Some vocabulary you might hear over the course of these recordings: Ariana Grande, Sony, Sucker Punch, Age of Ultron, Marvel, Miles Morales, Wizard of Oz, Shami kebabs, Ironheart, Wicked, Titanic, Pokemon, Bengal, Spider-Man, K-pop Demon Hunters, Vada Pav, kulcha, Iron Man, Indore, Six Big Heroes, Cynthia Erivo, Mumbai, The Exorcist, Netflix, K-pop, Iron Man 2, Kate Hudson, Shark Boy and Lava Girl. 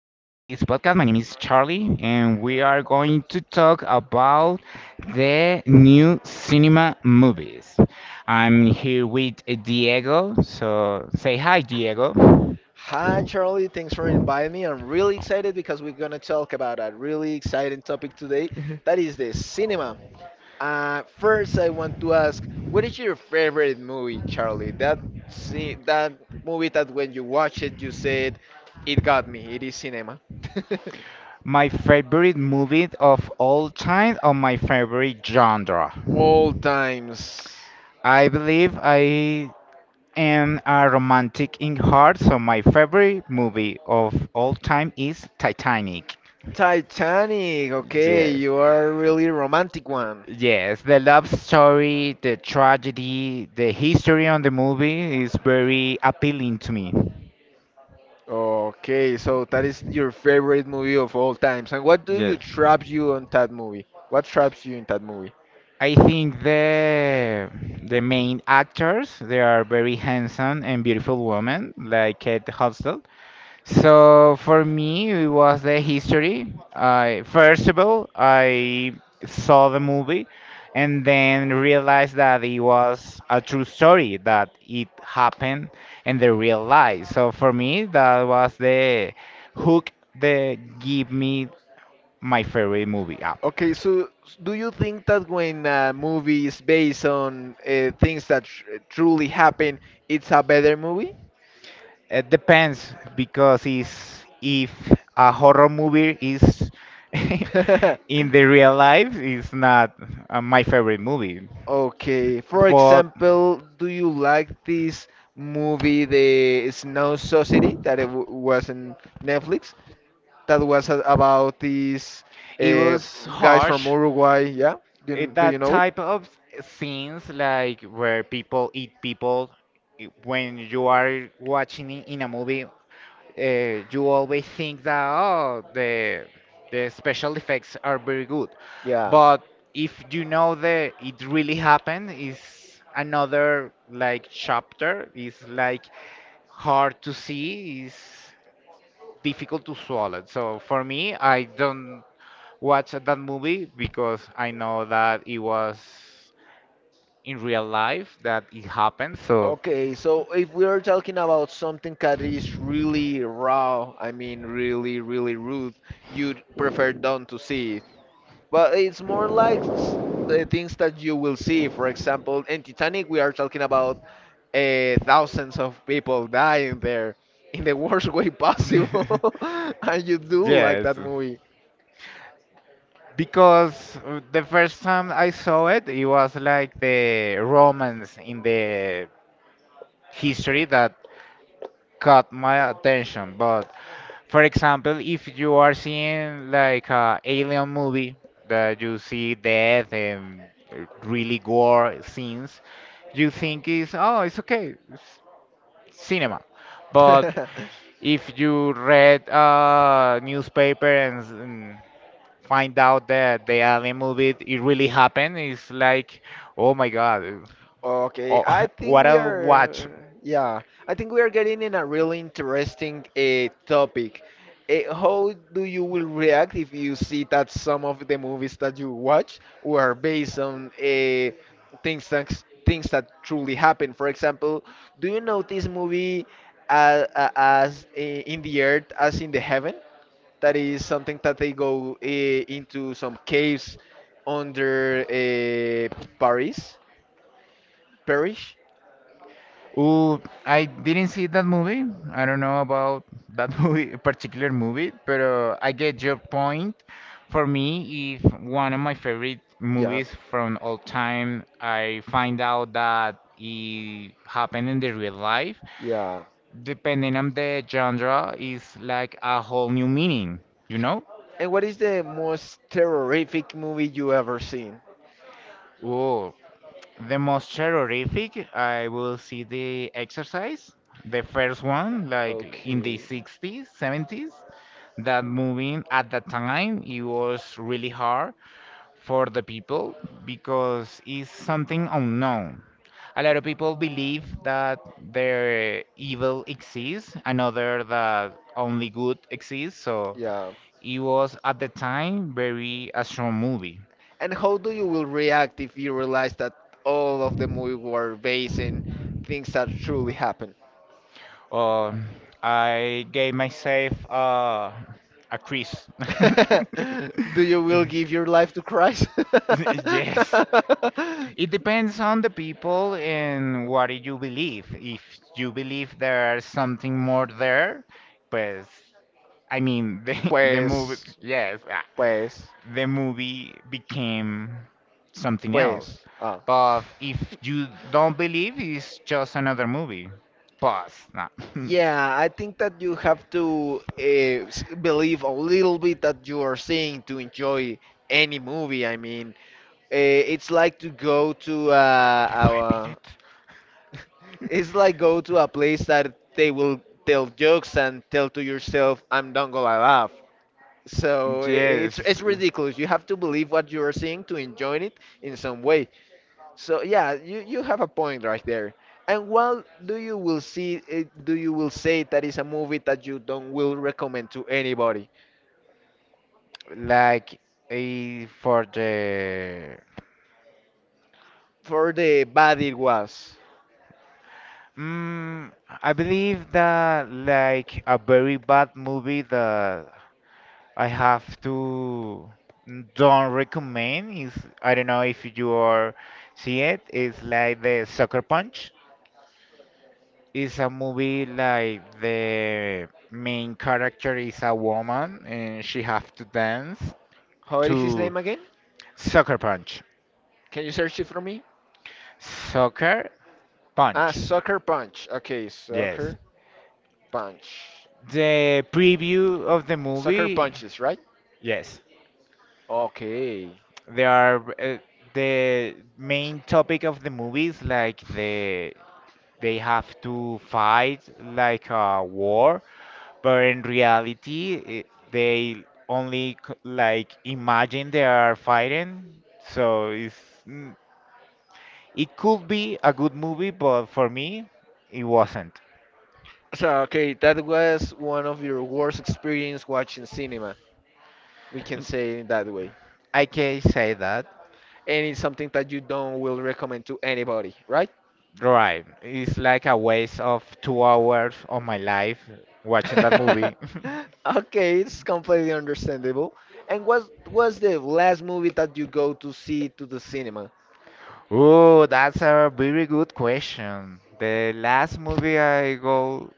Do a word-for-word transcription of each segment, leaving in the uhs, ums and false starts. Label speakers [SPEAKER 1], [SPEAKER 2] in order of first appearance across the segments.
[SPEAKER 1] podcast. My name is Charlie, and we are going to talk about the new cinema movies. I'm here with Diego, so say hi, Diego.
[SPEAKER 2] Hi, Charlie. Thanks for inviting me. I'm really excited because we're going to talk about a really exciting topic today that is the cinema. Uh, first, I want to ask, what is your favorite movie, Charlie? That see that movie that when you watch it, you said, "It got me. It is cinema."
[SPEAKER 1] My favorite movie of all time, or my favorite genre?
[SPEAKER 2] All times.
[SPEAKER 1] I believe I am a romantic in heart, so my favorite movie of all time is Titanic.
[SPEAKER 2] Titanic. Okay,
[SPEAKER 1] Yes.
[SPEAKER 2] you are a really romantic one.
[SPEAKER 1] Yes, the love story, the tragedy, the history on the movie is very appealing to me.
[SPEAKER 2] Okay, so that is your favorite movie of all times. And what do you
[SPEAKER 1] Yes.
[SPEAKER 2] traps you on that movie? What traps you in that movie?
[SPEAKER 1] I think the the main actors they are very handsome and beautiful women like Kate Hudson. So for me, it was the history. I first of all, I saw the movie, and then realized that it was a true story that it happened in the real life. So for me, that was the hook that gave me my favorite movie. Ah,
[SPEAKER 2] Okay, so s- do you think that when a movie is based on uh, things that tr truly happen, it's a better movie?
[SPEAKER 1] it depends because it's, if a horror movie is in the real life, it's not uh, my favorite movie.
[SPEAKER 2] Okay, for
[SPEAKER 1] But
[SPEAKER 2] example, do you like this movie, The Snow Society, that it w was in Netflix? That was a- about these
[SPEAKER 1] it
[SPEAKER 2] uh,
[SPEAKER 1] was
[SPEAKER 2] guys from
[SPEAKER 1] harsh.
[SPEAKER 2] Uruguay. Yeah, do
[SPEAKER 1] It,
[SPEAKER 2] you, do you
[SPEAKER 1] that
[SPEAKER 2] know it?
[SPEAKER 1] type of scenes, like where people eat people, i- when you are watching it in a movie, uh, you always think that oh, the the special effects are very good,
[SPEAKER 2] Yeah.
[SPEAKER 1] but if you know that it really happened, is another like chapter. Is like hard to see. Is difficult to swallow. So for me, I don't watch that movie because I know that it was in real life that it happened. So
[SPEAKER 2] Okay, so if we are talking about something that is really raw, I mean really, really rude, you'd prefer don't to see but it's more like s- the things that you will see. For example, in Titanic, we are talking about uh, thousands of people dying there in the worst way possible, and you do like
[SPEAKER 1] yes,
[SPEAKER 2] that movie.
[SPEAKER 1] because uh, the first time I saw it, it was like the romance in the history that caught my attention. But for example, if you are seeing like a alien movie that you see death and really gore scenes, you think is oh it's okay, it's cinema. But if you read a newspaper and, s- and find out that the alien movie it really happened, it's like oh my god,
[SPEAKER 2] Okay,
[SPEAKER 1] oh,
[SPEAKER 2] I think
[SPEAKER 1] what
[SPEAKER 2] we
[SPEAKER 1] a watch.
[SPEAKER 2] are, yeah, I think we are getting in a really interesting uh, topic. Uh, how do you will react if you see that some of the movies that you watch were based on uh, things that things that truly happen? For example, do you know this movie uh, uh, as uh, in the earth as in the heaven? That is something that they go uh, into some caves under uh, Paris, Parish.
[SPEAKER 1] Ooh, I didn't see that movie. I don't know about that movie, particular movie, but uh, I get your point. For me, if one of my favorite
[SPEAKER 2] Yeah,
[SPEAKER 1] movies from all time, I find out that it happened in the real life,
[SPEAKER 2] yeah.
[SPEAKER 1] depending on the genre, is like a whole new meaning, you know?
[SPEAKER 2] And what is the most terrific movie you ever seen?
[SPEAKER 1] Ooh, the most terrorific, I will see The Exorcist, the first one, like in the
[SPEAKER 2] Okay.
[SPEAKER 1] sixties, seventies. That movie at that time, it was really hard for the people because it's something unknown. A lot of people believe that the evil exists, another that only good exists. So
[SPEAKER 2] Yeah.
[SPEAKER 1] it was at the time very a strong movie.
[SPEAKER 2] And how do you will react if you realize that all of the movie were based in things that truly happened?
[SPEAKER 1] Uh, I gave myself uh, a quiz.
[SPEAKER 2] Do you will give your life to Christ?
[SPEAKER 1] Yes. It depends on the people and what you believe. If you believe there's something more there, pues, I mean, the the movie,
[SPEAKER 2] Pues,
[SPEAKER 1] yes, ah,
[SPEAKER 2] pues.
[SPEAKER 1] the movie became something else.
[SPEAKER 2] Pues, ah.
[SPEAKER 1] But if you don't believe, it's just another movie. Pause. Nah.
[SPEAKER 2] Yeah, I think that you have to uh, s- believe a little bit that you are seeing to enjoy any movie. I mean, uh, it's like to go to uh,
[SPEAKER 1] Only five
[SPEAKER 2] our.
[SPEAKER 1] minutes?
[SPEAKER 2] It's like go to a place that they will tell jokes and tell to yourself, "I'm not gonna laugh." So i- it's it's
[SPEAKER 1] Yes.
[SPEAKER 2] ridiculous. You have to believe what you are seeing to enjoy it in some way. So yeah, you, you have a point right there. And what do you will see? eh, Do you will say that is a movie that you don't will recommend to anybody?
[SPEAKER 1] Enjoy. Like a for the
[SPEAKER 2] For the bad it was.
[SPEAKER 1] mm, I believe that like a very bad movie that I have to don't recommend is, I don't know if you are see it. It's like the Sucker Punch. It's a movie like the main character is a woman and she have to dance
[SPEAKER 2] How is his
[SPEAKER 1] to
[SPEAKER 2] name again?
[SPEAKER 1] Sucker Punch.
[SPEAKER 2] Can you search it for me?
[SPEAKER 1] Sucker
[SPEAKER 2] Ah,
[SPEAKER 1] Punch.
[SPEAKER 2] Sucker Punch. Okay,
[SPEAKER 1] Yes.
[SPEAKER 2] Sucker Punch.
[SPEAKER 1] The preview of the
[SPEAKER 2] Sucker
[SPEAKER 1] movie.
[SPEAKER 2] Punches, right?
[SPEAKER 1] Yes.
[SPEAKER 2] Okay.
[SPEAKER 1] There are uh, the main topic of the movie is like the they have to fight like a war but in reality it, they only c- like imagine they are fighting so it's mm, it could be a good movie but for me it wasn't.
[SPEAKER 2] So okay, that was one of your worst experience watching cinema. We can
[SPEAKER 1] Mm,
[SPEAKER 2] say it that way.
[SPEAKER 1] I can say that
[SPEAKER 2] And it's something that you don't will recommend to anybody, right?
[SPEAKER 1] right, it's like a waste of two hours of my life watching that movie.
[SPEAKER 2] Okay, it's completely understandable. And what was the last movie that you go to see to the cinema?
[SPEAKER 1] Oh that's a very good question, the last movie I go,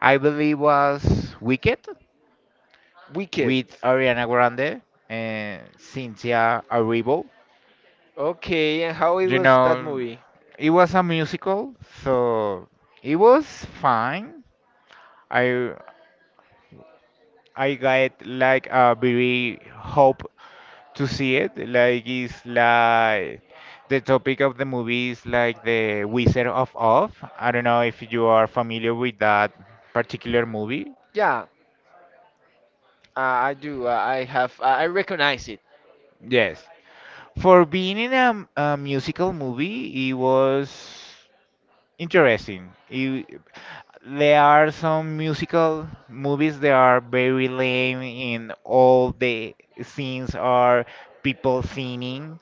[SPEAKER 1] I believe was Wicked
[SPEAKER 2] Wicked.
[SPEAKER 1] with Ariana Grande and Cynthia Erivo.
[SPEAKER 2] Okay, and how it
[SPEAKER 1] You
[SPEAKER 2] was that
[SPEAKER 1] know,
[SPEAKER 2] movie?
[SPEAKER 1] it was a musical, so it was fine. I I got like a very hope to see it. Like it's like the topic of the movie is like the Wizard of Oz. I don't know if you are familiar with that particular movie.
[SPEAKER 2] Yeah, uh, I do. Uh, I have. Uh, I I recognize it.
[SPEAKER 1] Yes. For being in a, a musical movie, it was interesting. You, there are some musical movies that are very lame in all the scenes are people singing.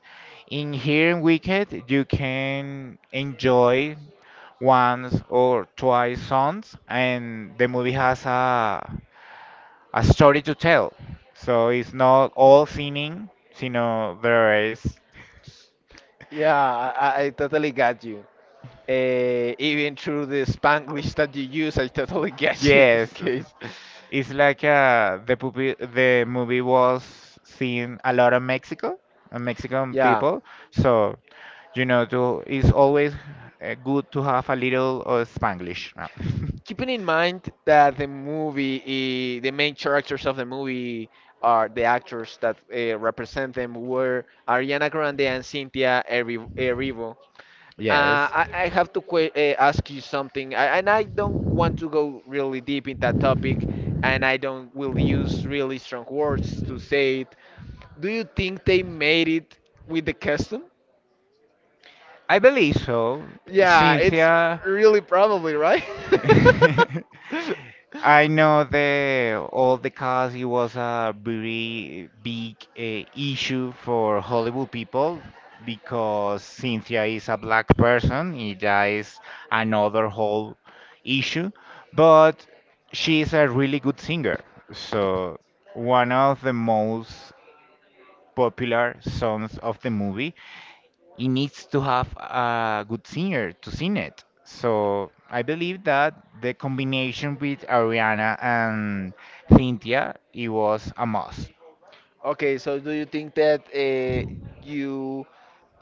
[SPEAKER 1] In here in Wicked, you can enjoy once or twice songs, and the movie has a a story to tell. So it's not all singing, you know, there is
[SPEAKER 2] Yeah, I, I I totally got you. Uh, even through the Spanglish that you use, I totally get you in this
[SPEAKER 1] yes.
[SPEAKER 2] case.
[SPEAKER 1] It's like uh, the movie, the movie was seen a lot in Mexico, and Mexican
[SPEAKER 2] Yeah.
[SPEAKER 1] people. So you know, to it's always uh, good to have a little of Spanglish. Uh,
[SPEAKER 2] Keeping in mind that the movie, uh, the main characters of the movie are the actors that uh, represent them were Ariana Grande and Cynthia Erivo. Erivo. Uh,
[SPEAKER 1] Yes.
[SPEAKER 2] I, I have to que- uh, ask you something, I, and I don't want to go really deep in that topic, and I don't will use really strong words to say it. Do you think they made it with the custom?
[SPEAKER 1] I believe so.
[SPEAKER 2] Yeah, it's
[SPEAKER 1] Cynthia,
[SPEAKER 2] really probably right.
[SPEAKER 1] I know the all the cast it was a very big uh, issue for Hollywood people because Cynthia is a black person. It is another whole issue, but she is a really good singer. So one of the most popular songs of the movie it needs to have a good singer to sing it. So I believe that the combination with Ariana and Cynthia, it was a must.
[SPEAKER 2] Okay, so do you think that uh, you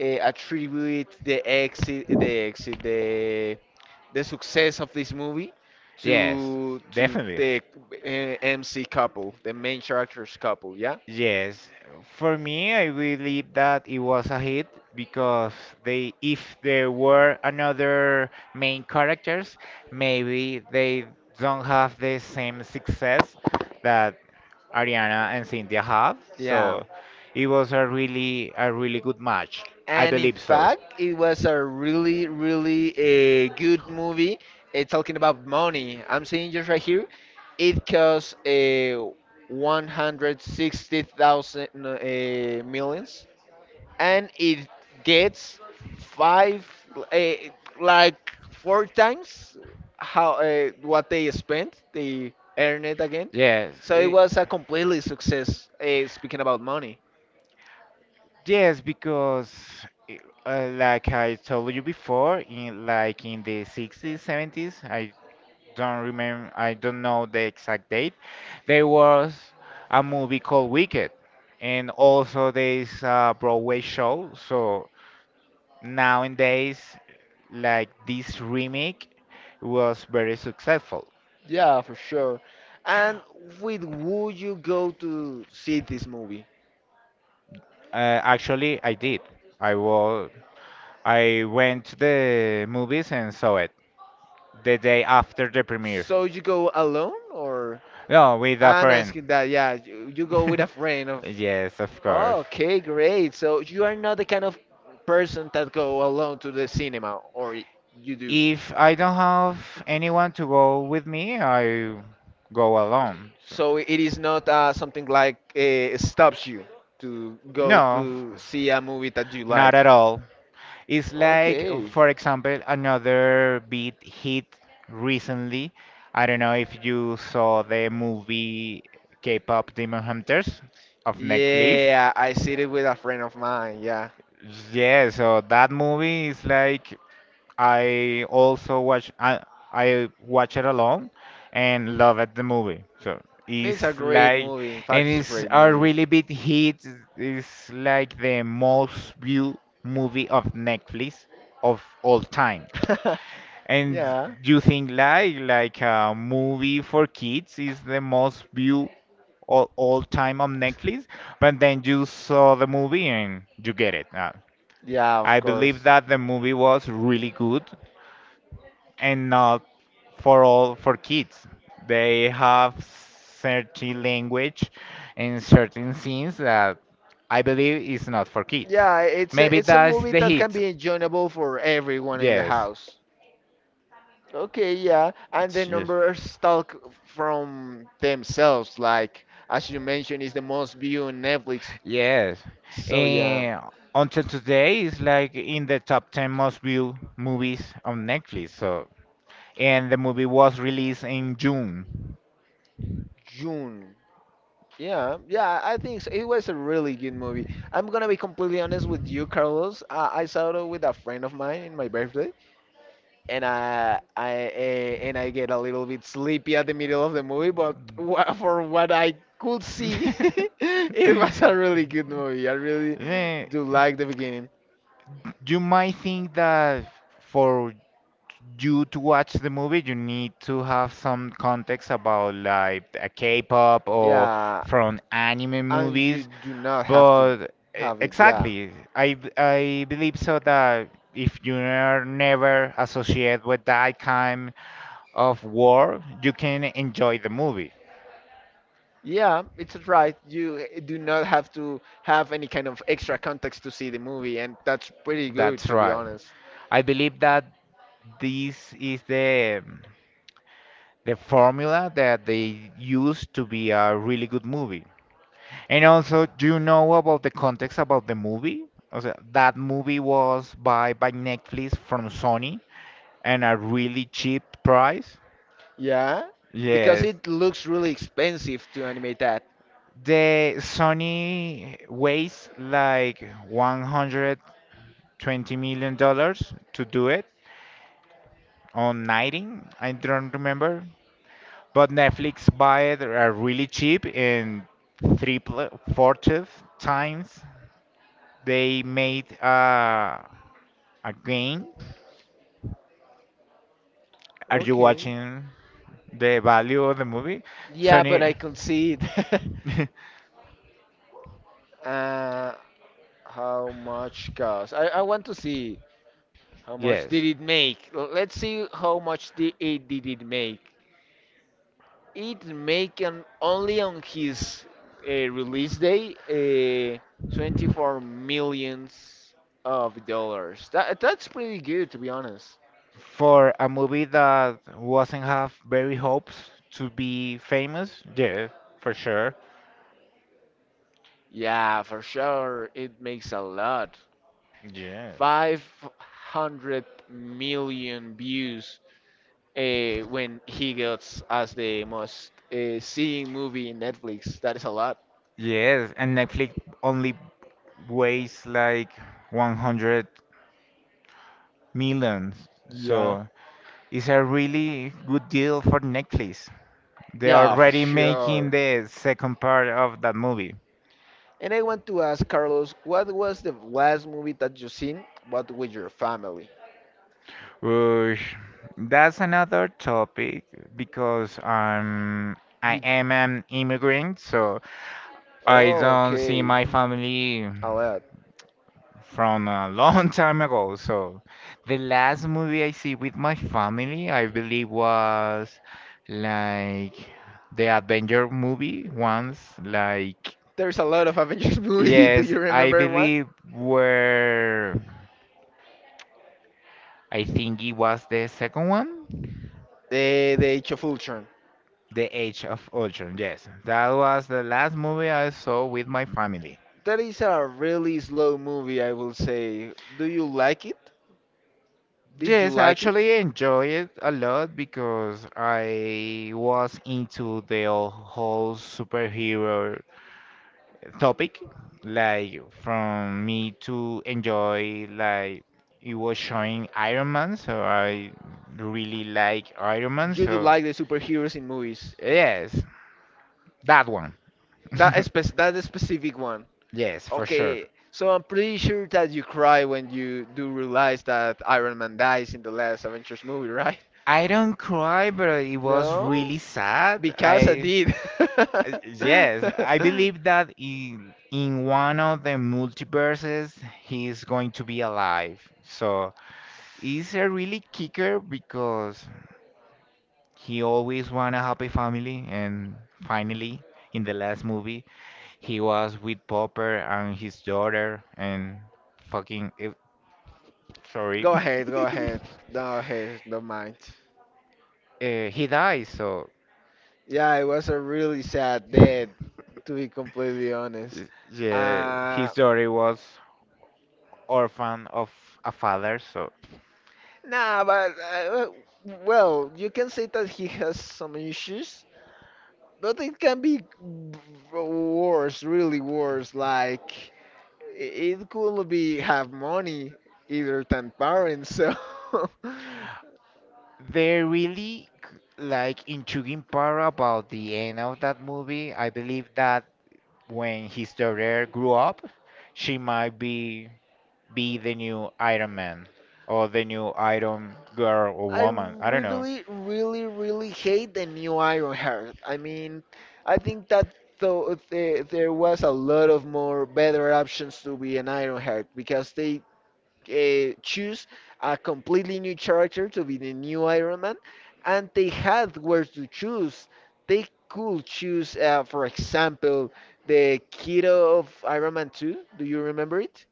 [SPEAKER 2] uh, attribute the exit, the exit, the the success of this movie
[SPEAKER 1] Yes,
[SPEAKER 2] to
[SPEAKER 1] yes,
[SPEAKER 2] to
[SPEAKER 1] definitely.
[SPEAKER 2] the uh, M C couple, the main characters couple, yeah?
[SPEAKER 1] Yes, for me, I believe that it was a hit because they, if there were another main characters, maybe they don't have the same success that Ariana and Cynthia have.
[SPEAKER 2] Yeah.
[SPEAKER 1] So it was a really, a really good match. I
[SPEAKER 2] And in
[SPEAKER 1] believe so.
[SPEAKER 2] fact, it was a really, really a good movie. Uh, talking about money, I'm seeing just right here. It cost uh, one hundred sixty thousand uh, millions and it gets five uh, like four times how uh, what they spent they earn it again,
[SPEAKER 1] Yes,
[SPEAKER 2] so it
[SPEAKER 1] it-
[SPEAKER 2] was a completely success uh, speaking about money.
[SPEAKER 1] Yes, because i- uh, like I told you before, in like in the sixties, seventies, I don't remember, I don't know the exact date. There was a movie called Wicked, and also there's a Broadway show. So nowadays, like this remake was very successful.
[SPEAKER 2] Yeah, for sure. And with would you go to see this movie?
[SPEAKER 1] Uh, actually, I did. I was I went to the movies and saw it the day after the premiere.
[SPEAKER 2] So you go alone or
[SPEAKER 1] No, with a
[SPEAKER 2] I'm
[SPEAKER 1] friend.
[SPEAKER 2] asking that, yeah, you, you go with a friend of...
[SPEAKER 1] Yes, of course.
[SPEAKER 2] Okay, great. So you are not the kind of person that go alone to the cinema, or y- you do.
[SPEAKER 1] If I don't have anyone to go with me, I go alone. So-
[SPEAKER 2] So it is not uh, something like uh, stops you to go
[SPEAKER 1] No,
[SPEAKER 2] to see a movie that you like.
[SPEAKER 1] not at all. It's like,
[SPEAKER 2] Okay.
[SPEAKER 1] for example, another big hit recently. I don't know if you saw the movie K-pop Demon Hunters of Netflix.
[SPEAKER 2] Yeah, I see it with a friend of mine. Yeah,
[SPEAKER 1] Yeah, so that movie is like I also watch I, I watch it alone and love it the movie. So
[SPEAKER 2] it's a
[SPEAKER 1] it's
[SPEAKER 2] great
[SPEAKER 1] like
[SPEAKER 2] movie. In
[SPEAKER 1] and
[SPEAKER 2] fact, it's a
[SPEAKER 1] it's
[SPEAKER 2] great
[SPEAKER 1] a
[SPEAKER 2] movie.
[SPEAKER 1] really big hit. It's like the most viewed movie of Netflix of all time. And
[SPEAKER 2] Yeah.
[SPEAKER 1] you think like like a movie for kids is the most viewed all, all time on Netflix, but then you saw the movie and you get it. Uh,
[SPEAKER 2] Yeah, of
[SPEAKER 1] I
[SPEAKER 2] course.
[SPEAKER 1] believe that the movie was really good and not for all for kids. They have certain language and certain scenes that I believe is not for kids.
[SPEAKER 2] Yeah, it's a
[SPEAKER 1] Maybe
[SPEAKER 2] it's a
[SPEAKER 1] that's
[SPEAKER 2] movie
[SPEAKER 1] the
[SPEAKER 2] that can
[SPEAKER 1] hits.
[SPEAKER 2] be enjoyable for everyone in the
[SPEAKER 1] Yes,
[SPEAKER 2] house. Okay, yeah, and the numbers talk from themselves. Like as you mentioned, it's the most viewed on Netflix.
[SPEAKER 1] yes.
[SPEAKER 2] So yeah,
[SPEAKER 1] And until today, it's like in the top ten most viewed movies on Netflix. So, and the movie was released in June.
[SPEAKER 2] June. Yeah, yeah, I think so. It was a really good movie. I'm gonna be completely honest with you, Carlos. Uh, I saw it with a friend of mine in my birthday, and I, I, eh, and I get a little bit sleepy at the middle of the movie. But wha for what I could see, it was a really good movie. I really
[SPEAKER 1] Eh,
[SPEAKER 2] do like the beginning.
[SPEAKER 1] you might think that for you to watch the movie, you need to have some context about like a K-pop or
[SPEAKER 2] Yeah,
[SPEAKER 1] from anime
[SPEAKER 2] and you
[SPEAKER 1] movies,
[SPEAKER 2] do not have to
[SPEAKER 1] but e-
[SPEAKER 2] have it. Yeah.
[SPEAKER 1] exactly, I b- I believe so that if you are never associated with that kind of world, you can enjoy the movie.
[SPEAKER 2] Yeah, it's right. You eh, do not have to have any kind of extra context to see the movie, and that's pretty good,
[SPEAKER 1] That's
[SPEAKER 2] to be
[SPEAKER 1] right.
[SPEAKER 2] honest.
[SPEAKER 1] I believe that this is the the formula that they use to be a really good movie. And also, do you know about the context about the movie? Also, that movie was bought by Netflix from Sony and a really cheap price.
[SPEAKER 2] Yeah, because
[SPEAKER 1] Yes.
[SPEAKER 2] it looks really expensive to animate that.
[SPEAKER 1] The Sony weighs like one hundred twenty million dollars to do it on nineteen, I don't remember. But Netflix buy it are really cheap in three pl- fourth times. They made uh, a game. Are you watching the value of the movie?
[SPEAKER 2] Yeah, but
[SPEAKER 1] Sony,
[SPEAKER 2] I can concede. uh, how much cost? I, I want to see how much did
[SPEAKER 1] yes.
[SPEAKER 2] it make. L- Let's see how much did it did it make. It make an only on his uh, release day uh, twenty-four millions of dollars. That that's pretty good to be honest.
[SPEAKER 1] For a movie that wasn't have very hopes to be famous, yeah, for sure.
[SPEAKER 2] Yeah, for sure it makes a lot.
[SPEAKER 1] Yes.
[SPEAKER 2] five hundred million views uh, when he gets as the most uh, seeing movie in Netflix. That is a lot.
[SPEAKER 1] Yes, and Netflix only weighs like one hundred millions.
[SPEAKER 2] Yeah.
[SPEAKER 1] So it's a really good deal for Netflix. They're
[SPEAKER 2] Yeah, for
[SPEAKER 1] already making
[SPEAKER 2] sure.
[SPEAKER 1] the second part of that movie.
[SPEAKER 2] And I want to ask Carlos, what was the last movie that you seen, but with your family?
[SPEAKER 1] Which that's another topic because I'm I
[SPEAKER 2] You...
[SPEAKER 1] am an immigrant, so I
[SPEAKER 2] Oh,
[SPEAKER 1] don't see my
[SPEAKER 2] okay.
[SPEAKER 1] family
[SPEAKER 2] A lot.
[SPEAKER 1] from a long time ago. So the last movie I see with my family, I believe, was like the Avenger movie once. Like
[SPEAKER 2] There's a lot of Avengers movie. Do
[SPEAKER 1] yes,
[SPEAKER 2] you
[SPEAKER 1] I
[SPEAKER 2] remember one?
[SPEAKER 1] believe where I think it was the second one,
[SPEAKER 2] The The Age of Ultron.
[SPEAKER 1] The Age of Ultron. Yes, that was the last movie I saw with my family.
[SPEAKER 2] That is a really slow movie, I will say. Do you like it? Did you
[SPEAKER 1] Yes, I
[SPEAKER 2] like it?
[SPEAKER 1] actually enjoy it a lot because I was into the whole superhero topic. Like, from me to enjoy, like, it was showing Iron Man, so I really like Iron Man,
[SPEAKER 2] You do
[SPEAKER 1] so
[SPEAKER 2] like the superheroes in movies.
[SPEAKER 1] yes, that one.
[SPEAKER 2] That spec that specific one.
[SPEAKER 1] Yes, for sure.
[SPEAKER 2] Okay, so I'm pretty sure that you cry when you do realize that Iron Man dies in the last Avengers movie, right?
[SPEAKER 1] I don't cry, but it was
[SPEAKER 2] No,
[SPEAKER 1] really sad.
[SPEAKER 2] because I
[SPEAKER 1] I
[SPEAKER 2] did.
[SPEAKER 1] Uh, yes, I believe that in in one of the multiverses he is going to be alive. So he's a really kicker because he always want a happy family and finally in the last movie he was with Popper and his daughter and fucking eh, sorry.
[SPEAKER 2] Go ahead, go ahead. No, hey, don't mind.
[SPEAKER 1] Uh, he dies, so
[SPEAKER 2] Yeah, it was a really sad death, to be completely
[SPEAKER 1] uh,
[SPEAKER 2] honest.
[SPEAKER 1] yeah,
[SPEAKER 2] Uh,
[SPEAKER 1] his daughter was orphan of a father, so.
[SPEAKER 2] Nah, but uh, well, you can say that he has some issues, but it can be b- worse, really worse. Like i- it could be have money either than parents. So
[SPEAKER 1] The really g- like, intriguing part about the end of that movie, I believe that when his daughter grew up, she might be be the new Iron Man or the new Iron Girl or
[SPEAKER 2] I
[SPEAKER 1] woman. I don't know.
[SPEAKER 2] really, really, really hate the new Ironheart. I mean, I think that though uh, there, there was a lot of more better options to be an Ironheart because they uh, choose a completely new character to be the new Iron Man, and they had where to choose. They could choose, uh, for example, the kiddo of Iron Man two. Do you remember it?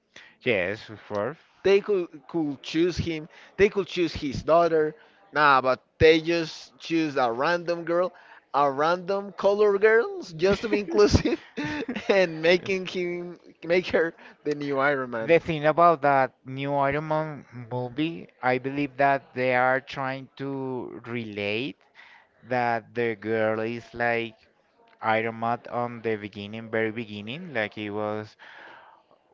[SPEAKER 1] Yes, of course.
[SPEAKER 2] They could could choose him. They could choose his daughter. Nah, but they just choose a random girl, a random color girl, just to be inclusive, and making him make her the new Iron Man.
[SPEAKER 1] The thing about that new Iron Man movie, I believe that they are trying to relate that the girl is like Iron Maid on the beginning, very beginning, like it was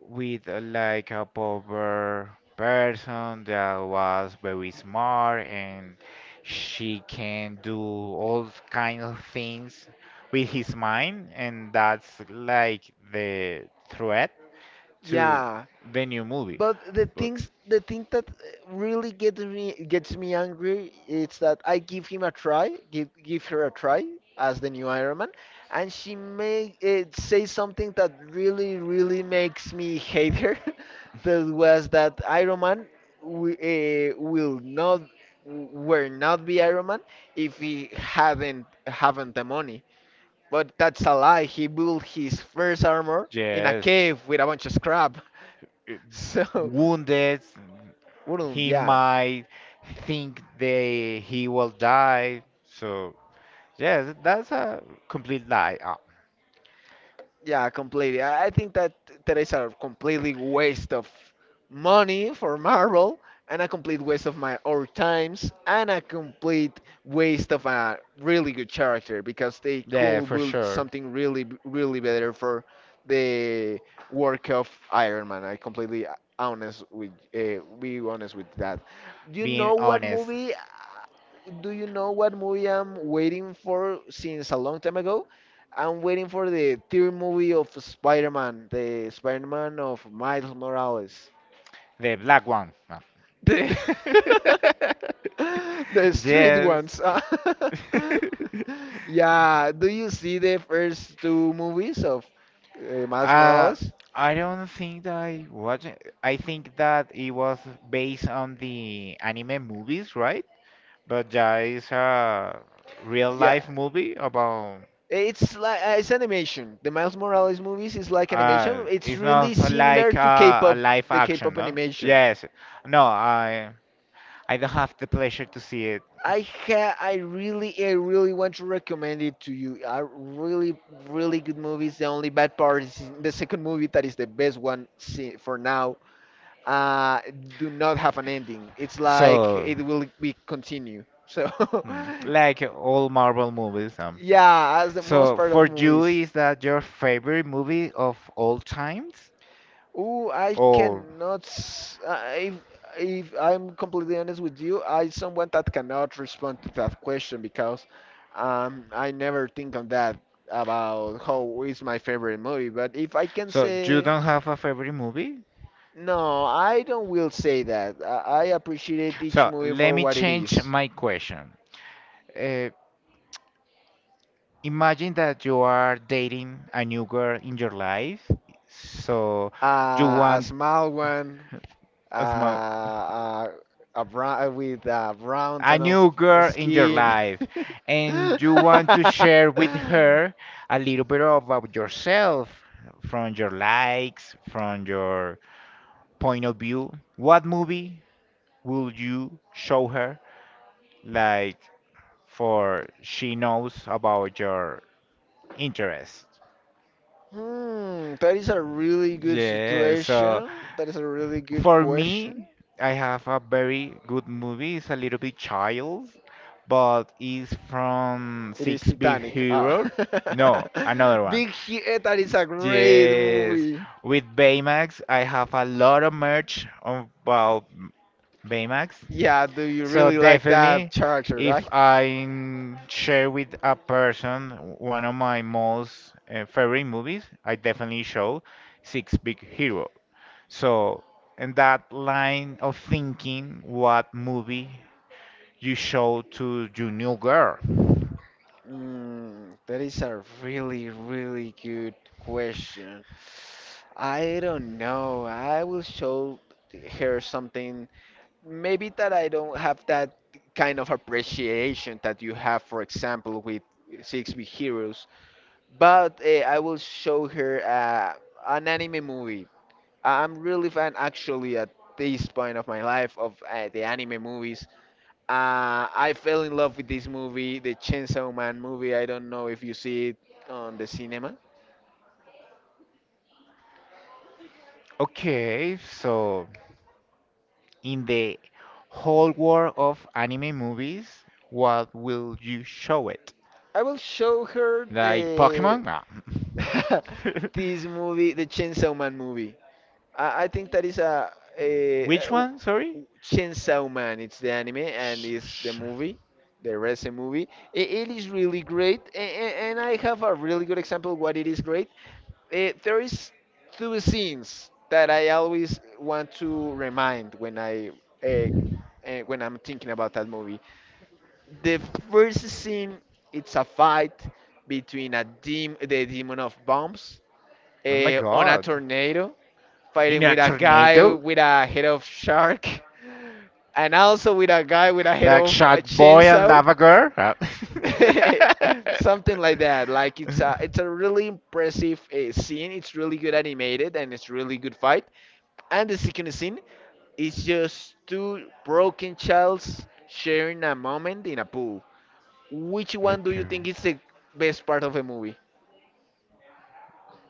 [SPEAKER 1] with uh, like, a poor person that was very smart and she can do all kind of things with his mind, and that's like the threat to
[SPEAKER 2] Yeah.
[SPEAKER 1] the new movie.
[SPEAKER 2] But the
[SPEAKER 1] But
[SPEAKER 2] things, the thing that uh, really gets me gets me angry is that I give him a try, give give her a try as the new Iron Man, and she may it say something that really really makes me hate her. That was that Iron Man w uh, will not will not be Iron Man if he haven't haven't the money. But that's a lie. He built his first armor in a
[SPEAKER 1] yes,
[SPEAKER 2] cave with a bunch of scrap.
[SPEAKER 1] uh,
[SPEAKER 2] So,
[SPEAKER 1] wounded,
[SPEAKER 2] Ulm,
[SPEAKER 1] he
[SPEAKER 2] yeah.
[SPEAKER 1] might think they he will die, so. Yeah, th- that's a complete lie. Uh,
[SPEAKER 2] Yeah, completely. I I think that that is a completely waste of money for Marvel, and a complete waste of my our times, and a complete waste of a really good character because they
[SPEAKER 1] yeah,
[SPEAKER 2] could
[SPEAKER 1] for
[SPEAKER 2] build
[SPEAKER 1] sure.
[SPEAKER 2] something really, b- really better for the work of Iron Man. I completely honest with uh, be honest with that. Do you
[SPEAKER 1] Being
[SPEAKER 2] know what
[SPEAKER 1] honest,
[SPEAKER 2] movie? uh, Do you know what movie I'm waiting for since a long time ago? I'm waiting for the third movie of Spider-Man, the Spider-Man of Miles Morales.
[SPEAKER 1] the black one. No.
[SPEAKER 2] The the street
[SPEAKER 1] Yes.
[SPEAKER 2] ones. Yeah, do you see the first two movies of uh, Miles
[SPEAKER 1] uh,
[SPEAKER 2] Morales?
[SPEAKER 1] I don't think that I watched it. I think that it was based on the anime movies, right? But yeah, it's a real
[SPEAKER 2] Yeah.
[SPEAKER 1] life movie about.
[SPEAKER 2] It's like uh, it's animation. The Miles Morales movies is like
[SPEAKER 1] Uh,
[SPEAKER 2] animation. It's
[SPEAKER 1] it's not
[SPEAKER 2] really similar
[SPEAKER 1] like
[SPEAKER 2] to
[SPEAKER 1] a, a
[SPEAKER 2] K-pop,
[SPEAKER 1] live
[SPEAKER 2] the
[SPEAKER 1] action,
[SPEAKER 2] K-pop
[SPEAKER 1] no?
[SPEAKER 2] animation.
[SPEAKER 1] Yes. No, I I don't have the pleasure to see it.
[SPEAKER 2] I ha I really I really want to recommend it to you. A really, really good movie. It's The only bad part is in the second movie, that is the best one see, for now. Uh, do not have an ending. It's like
[SPEAKER 1] So,
[SPEAKER 2] it will be continue. So
[SPEAKER 1] hmm, like all Marvel movies. Um.
[SPEAKER 2] yeah, that's the most
[SPEAKER 1] So,
[SPEAKER 2] part of
[SPEAKER 1] for you,
[SPEAKER 2] movies.
[SPEAKER 1] is that your favorite movie of all times?
[SPEAKER 2] Ooh, I
[SPEAKER 1] Or
[SPEAKER 2] cannot. s- I- If if I'm completely honest with you, I someone that cannot respond to that question because um, I never think on that about how is my favorite movie. But if I can
[SPEAKER 1] so you
[SPEAKER 2] say
[SPEAKER 1] don't have a favorite movie?
[SPEAKER 2] no, I don't will say that. I, I appreciate each
[SPEAKER 1] So,
[SPEAKER 2] movie
[SPEAKER 1] let
[SPEAKER 2] for
[SPEAKER 1] me
[SPEAKER 2] what it
[SPEAKER 1] change
[SPEAKER 2] is.
[SPEAKER 1] my question. Uh, Imagine that you are dating a new girl in your life. So you
[SPEAKER 2] Uh, a
[SPEAKER 1] want
[SPEAKER 2] small one uh,
[SPEAKER 1] a, sm-
[SPEAKER 2] uh, a brown with a brown
[SPEAKER 1] a
[SPEAKER 2] tone of
[SPEAKER 1] new girl in your
[SPEAKER 2] skin.
[SPEAKER 1] life, and you want to share with her a little bit about yourself, from your likes, from your point of view. What movie will you show her, like, for she knows about your interests?
[SPEAKER 2] Hmm, that is a really good
[SPEAKER 1] Yeah, so,
[SPEAKER 2] situation. That is a really good
[SPEAKER 1] for
[SPEAKER 2] question.
[SPEAKER 1] me, I have a very good movie. It's a little bit child, but it's from
[SPEAKER 2] It is
[SPEAKER 1] Six Big
[SPEAKER 2] Titanic. Ah.
[SPEAKER 1] Heroes. No, another one.
[SPEAKER 2] Big Hit, that is a great
[SPEAKER 1] Yes,
[SPEAKER 2] movie.
[SPEAKER 1] with Baymax. I have a lot of merch about Baymax.
[SPEAKER 2] Yeah, do you
[SPEAKER 1] So
[SPEAKER 2] really like that
[SPEAKER 1] definitely,
[SPEAKER 2] character,
[SPEAKER 1] if
[SPEAKER 2] right?
[SPEAKER 1] I share with a person one of my most uh, favorite movies, I definitely show Six Big Heroes. So, in that line of thinking, what movie you show to your new girl?
[SPEAKER 2] Mm, that is a really, really good question. I don't know. I will show her something. Maybe that I don't have that kind of appreciation that you have, for example, with Six Big Heroes. But uh, I will show her uh, an anime movie. I'm really fan, actually, at this point of my life, of uh, the anime movies. Uh, I fell in love with this movie, the Chainsaw Man movie. I don't know if you see it on the cinema.
[SPEAKER 1] Okay, so in the whole world of anime movies, what will you show it?
[SPEAKER 2] I will show her
[SPEAKER 1] Like
[SPEAKER 2] the
[SPEAKER 1] Pokemon? Nah.
[SPEAKER 2] this movie, the Chainsaw Man movie. I, I think that is a, a, a
[SPEAKER 1] Which
[SPEAKER 2] w-
[SPEAKER 1] one? Sorry?
[SPEAKER 2] w- Chainsaw Man. It's the anime and
[SPEAKER 1] Sh-
[SPEAKER 2] it's the
[SPEAKER 1] sh-
[SPEAKER 2] movie, the recent movie. I- it is really great, and, and I have a really good example what it is great. Eh, there is two scenes that I always want to remind when I uh, uh, when I'm thinking about that movie. The first scene, it's a fight between a dem the demon of bombs
[SPEAKER 1] Oh my
[SPEAKER 2] uh, on a
[SPEAKER 1] god.
[SPEAKER 2] tornado,
[SPEAKER 1] In
[SPEAKER 2] fighting
[SPEAKER 1] a
[SPEAKER 2] with a guy
[SPEAKER 1] tornado?
[SPEAKER 2] with a head of shark, and also with a guy with a head
[SPEAKER 1] Like
[SPEAKER 2] of
[SPEAKER 1] Shark
[SPEAKER 2] a
[SPEAKER 1] Boy and
[SPEAKER 2] chainsaw.
[SPEAKER 1] Lava Girl? Uh,
[SPEAKER 2] Something like that, like it's a it's a really impressive uh, scene. It's really good animated and it's really good fight. And the second scene is just two broken childs sharing a moment in a pool. Which one do you
[SPEAKER 1] okay.
[SPEAKER 2] think is the best part of the movie?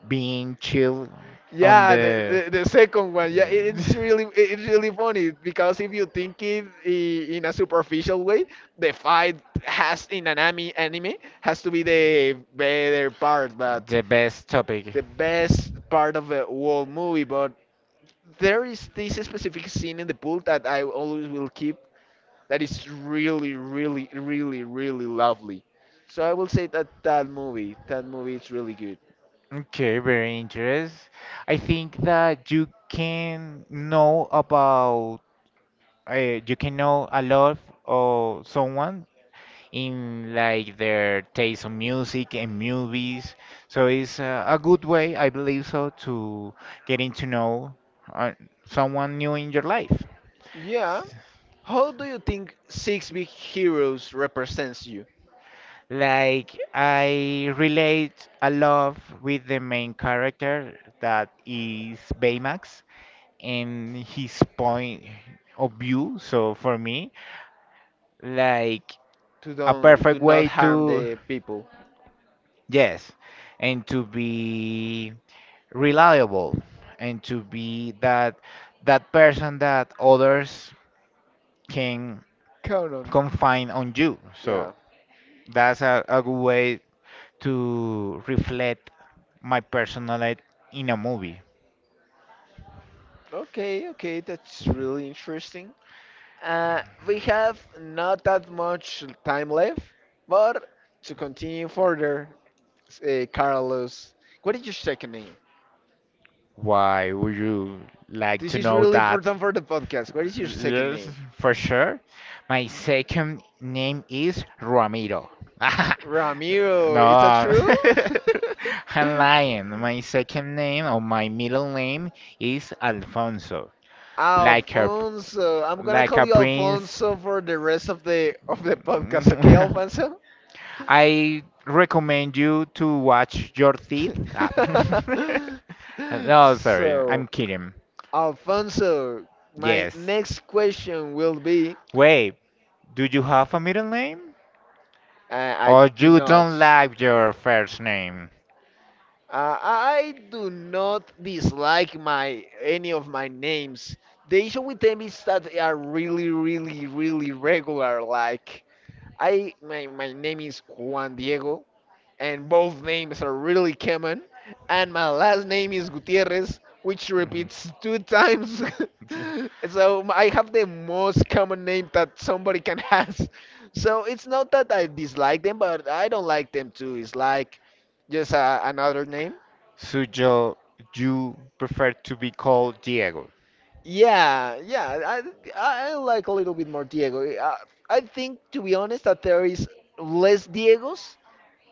[SPEAKER 1] Being chill on
[SPEAKER 2] Yeah, the,
[SPEAKER 1] the.
[SPEAKER 2] the, the second one. Yeah, it-
[SPEAKER 1] Yeah.
[SPEAKER 2] it's really it- it's really funny because if you think it i- in a superficial way, the fight has in an anime anime has to be the better part, but
[SPEAKER 1] The best topic.
[SPEAKER 2] the best part of the whole movie, but there is this specific scene in the pool that I always will keep, that is really, really, really, really lovely. So I will say that that movie, that movie is really good.
[SPEAKER 1] Okay, very interesting. I think that you can know about uh, you can know a lot of someone in, like, their taste of music and movies. So it's uh, a good way, I believe so, to getting to know uh, someone new in your life.
[SPEAKER 2] Yeah. How do you think Six Big Heroes represents you?
[SPEAKER 1] Like, I relate a lot with the main character that is Baymax and his point of view. So for me, like,
[SPEAKER 2] To
[SPEAKER 1] a
[SPEAKER 2] don't do
[SPEAKER 1] perfect
[SPEAKER 2] not
[SPEAKER 1] way
[SPEAKER 2] harm
[SPEAKER 1] to.
[SPEAKER 2] the people?
[SPEAKER 1] Yes, and to be reliable, and to be that, that person that others can
[SPEAKER 2] Count on.
[SPEAKER 1] confine on you. So
[SPEAKER 2] Yeah.
[SPEAKER 1] that's a, a good way to reflect my personality in a movie.
[SPEAKER 2] Okay, okay, that's really interesting. Uh, we have not that much time left, but to continue further, uh, Carlos, what is your second name?
[SPEAKER 1] Why would you like
[SPEAKER 2] This
[SPEAKER 1] to
[SPEAKER 2] is
[SPEAKER 1] know
[SPEAKER 2] really
[SPEAKER 1] that?
[SPEAKER 2] important for the podcast. What is your second
[SPEAKER 1] Yes,
[SPEAKER 2] name?
[SPEAKER 1] for sure. My second name is Ramiro. No,
[SPEAKER 2] Ramiro, is that
[SPEAKER 1] uh,
[SPEAKER 2] true?
[SPEAKER 1] I'm lying. My second name or my middle name is Alfonso, like a,
[SPEAKER 2] Alfonso, I'm gonna
[SPEAKER 1] like
[SPEAKER 2] call
[SPEAKER 1] a
[SPEAKER 2] you
[SPEAKER 1] prince.
[SPEAKER 2] Alfonso for the rest of the of the podcast, okay,
[SPEAKER 1] Mm,
[SPEAKER 2] Alfonso?
[SPEAKER 1] I recommend you to watch your teeth. Ah. No, sorry, I'm
[SPEAKER 2] So,
[SPEAKER 1] kidding.
[SPEAKER 2] Alfonso, my
[SPEAKER 1] Yes.
[SPEAKER 2] next question will be
[SPEAKER 1] Wait, do you have a middle name?
[SPEAKER 2] uh, I
[SPEAKER 1] Or
[SPEAKER 2] do
[SPEAKER 1] you
[SPEAKER 2] not.
[SPEAKER 1] don't like your first name.
[SPEAKER 2] Uh, I do not dislike my any of my names. The issue with them is that they are really, really, really regular. Like I, my, my name is Juan Diego, and both names are really common. And my last name is Gutierrez, which repeats two times. So m- I have the most common name that somebody can has. So it's not that I dislike them, but I don't like them too. It's like just uh, another name.
[SPEAKER 1] So you, you prefer to be called Diego.
[SPEAKER 2] Yeah, yeah. I, I I like a little bit more Diego. I, I think, to be honest, that there is less Diegos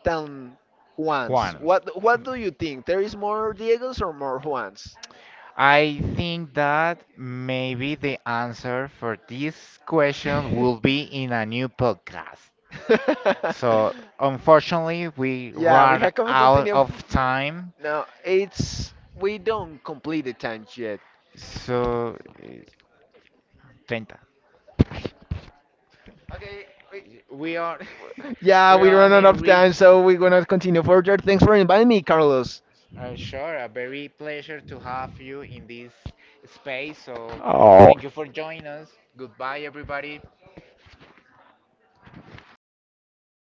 [SPEAKER 2] than Juans.
[SPEAKER 1] Juan.
[SPEAKER 2] What what do you think? There is more Diegos or more Juans?
[SPEAKER 1] I think that maybe the answer for this question will be in a new podcast. So, unfortunately, we
[SPEAKER 2] Yeah, we
[SPEAKER 1] run
[SPEAKER 2] have to
[SPEAKER 1] out
[SPEAKER 2] continue. f-
[SPEAKER 1] of time.
[SPEAKER 2] No, it's we don't complete the time yet.
[SPEAKER 1] So, eh, thirty. We are
[SPEAKER 2] Yeah,
[SPEAKER 1] we
[SPEAKER 2] we
[SPEAKER 1] are
[SPEAKER 2] run out
[SPEAKER 1] only
[SPEAKER 2] of time,
[SPEAKER 1] reach.
[SPEAKER 2] so we're gonna continue further. Thanks for inviting me, Carlos.
[SPEAKER 1] Uh, sure, a very pleasure to have you in this space. So, thank you for joining us. Goodbye, everybody.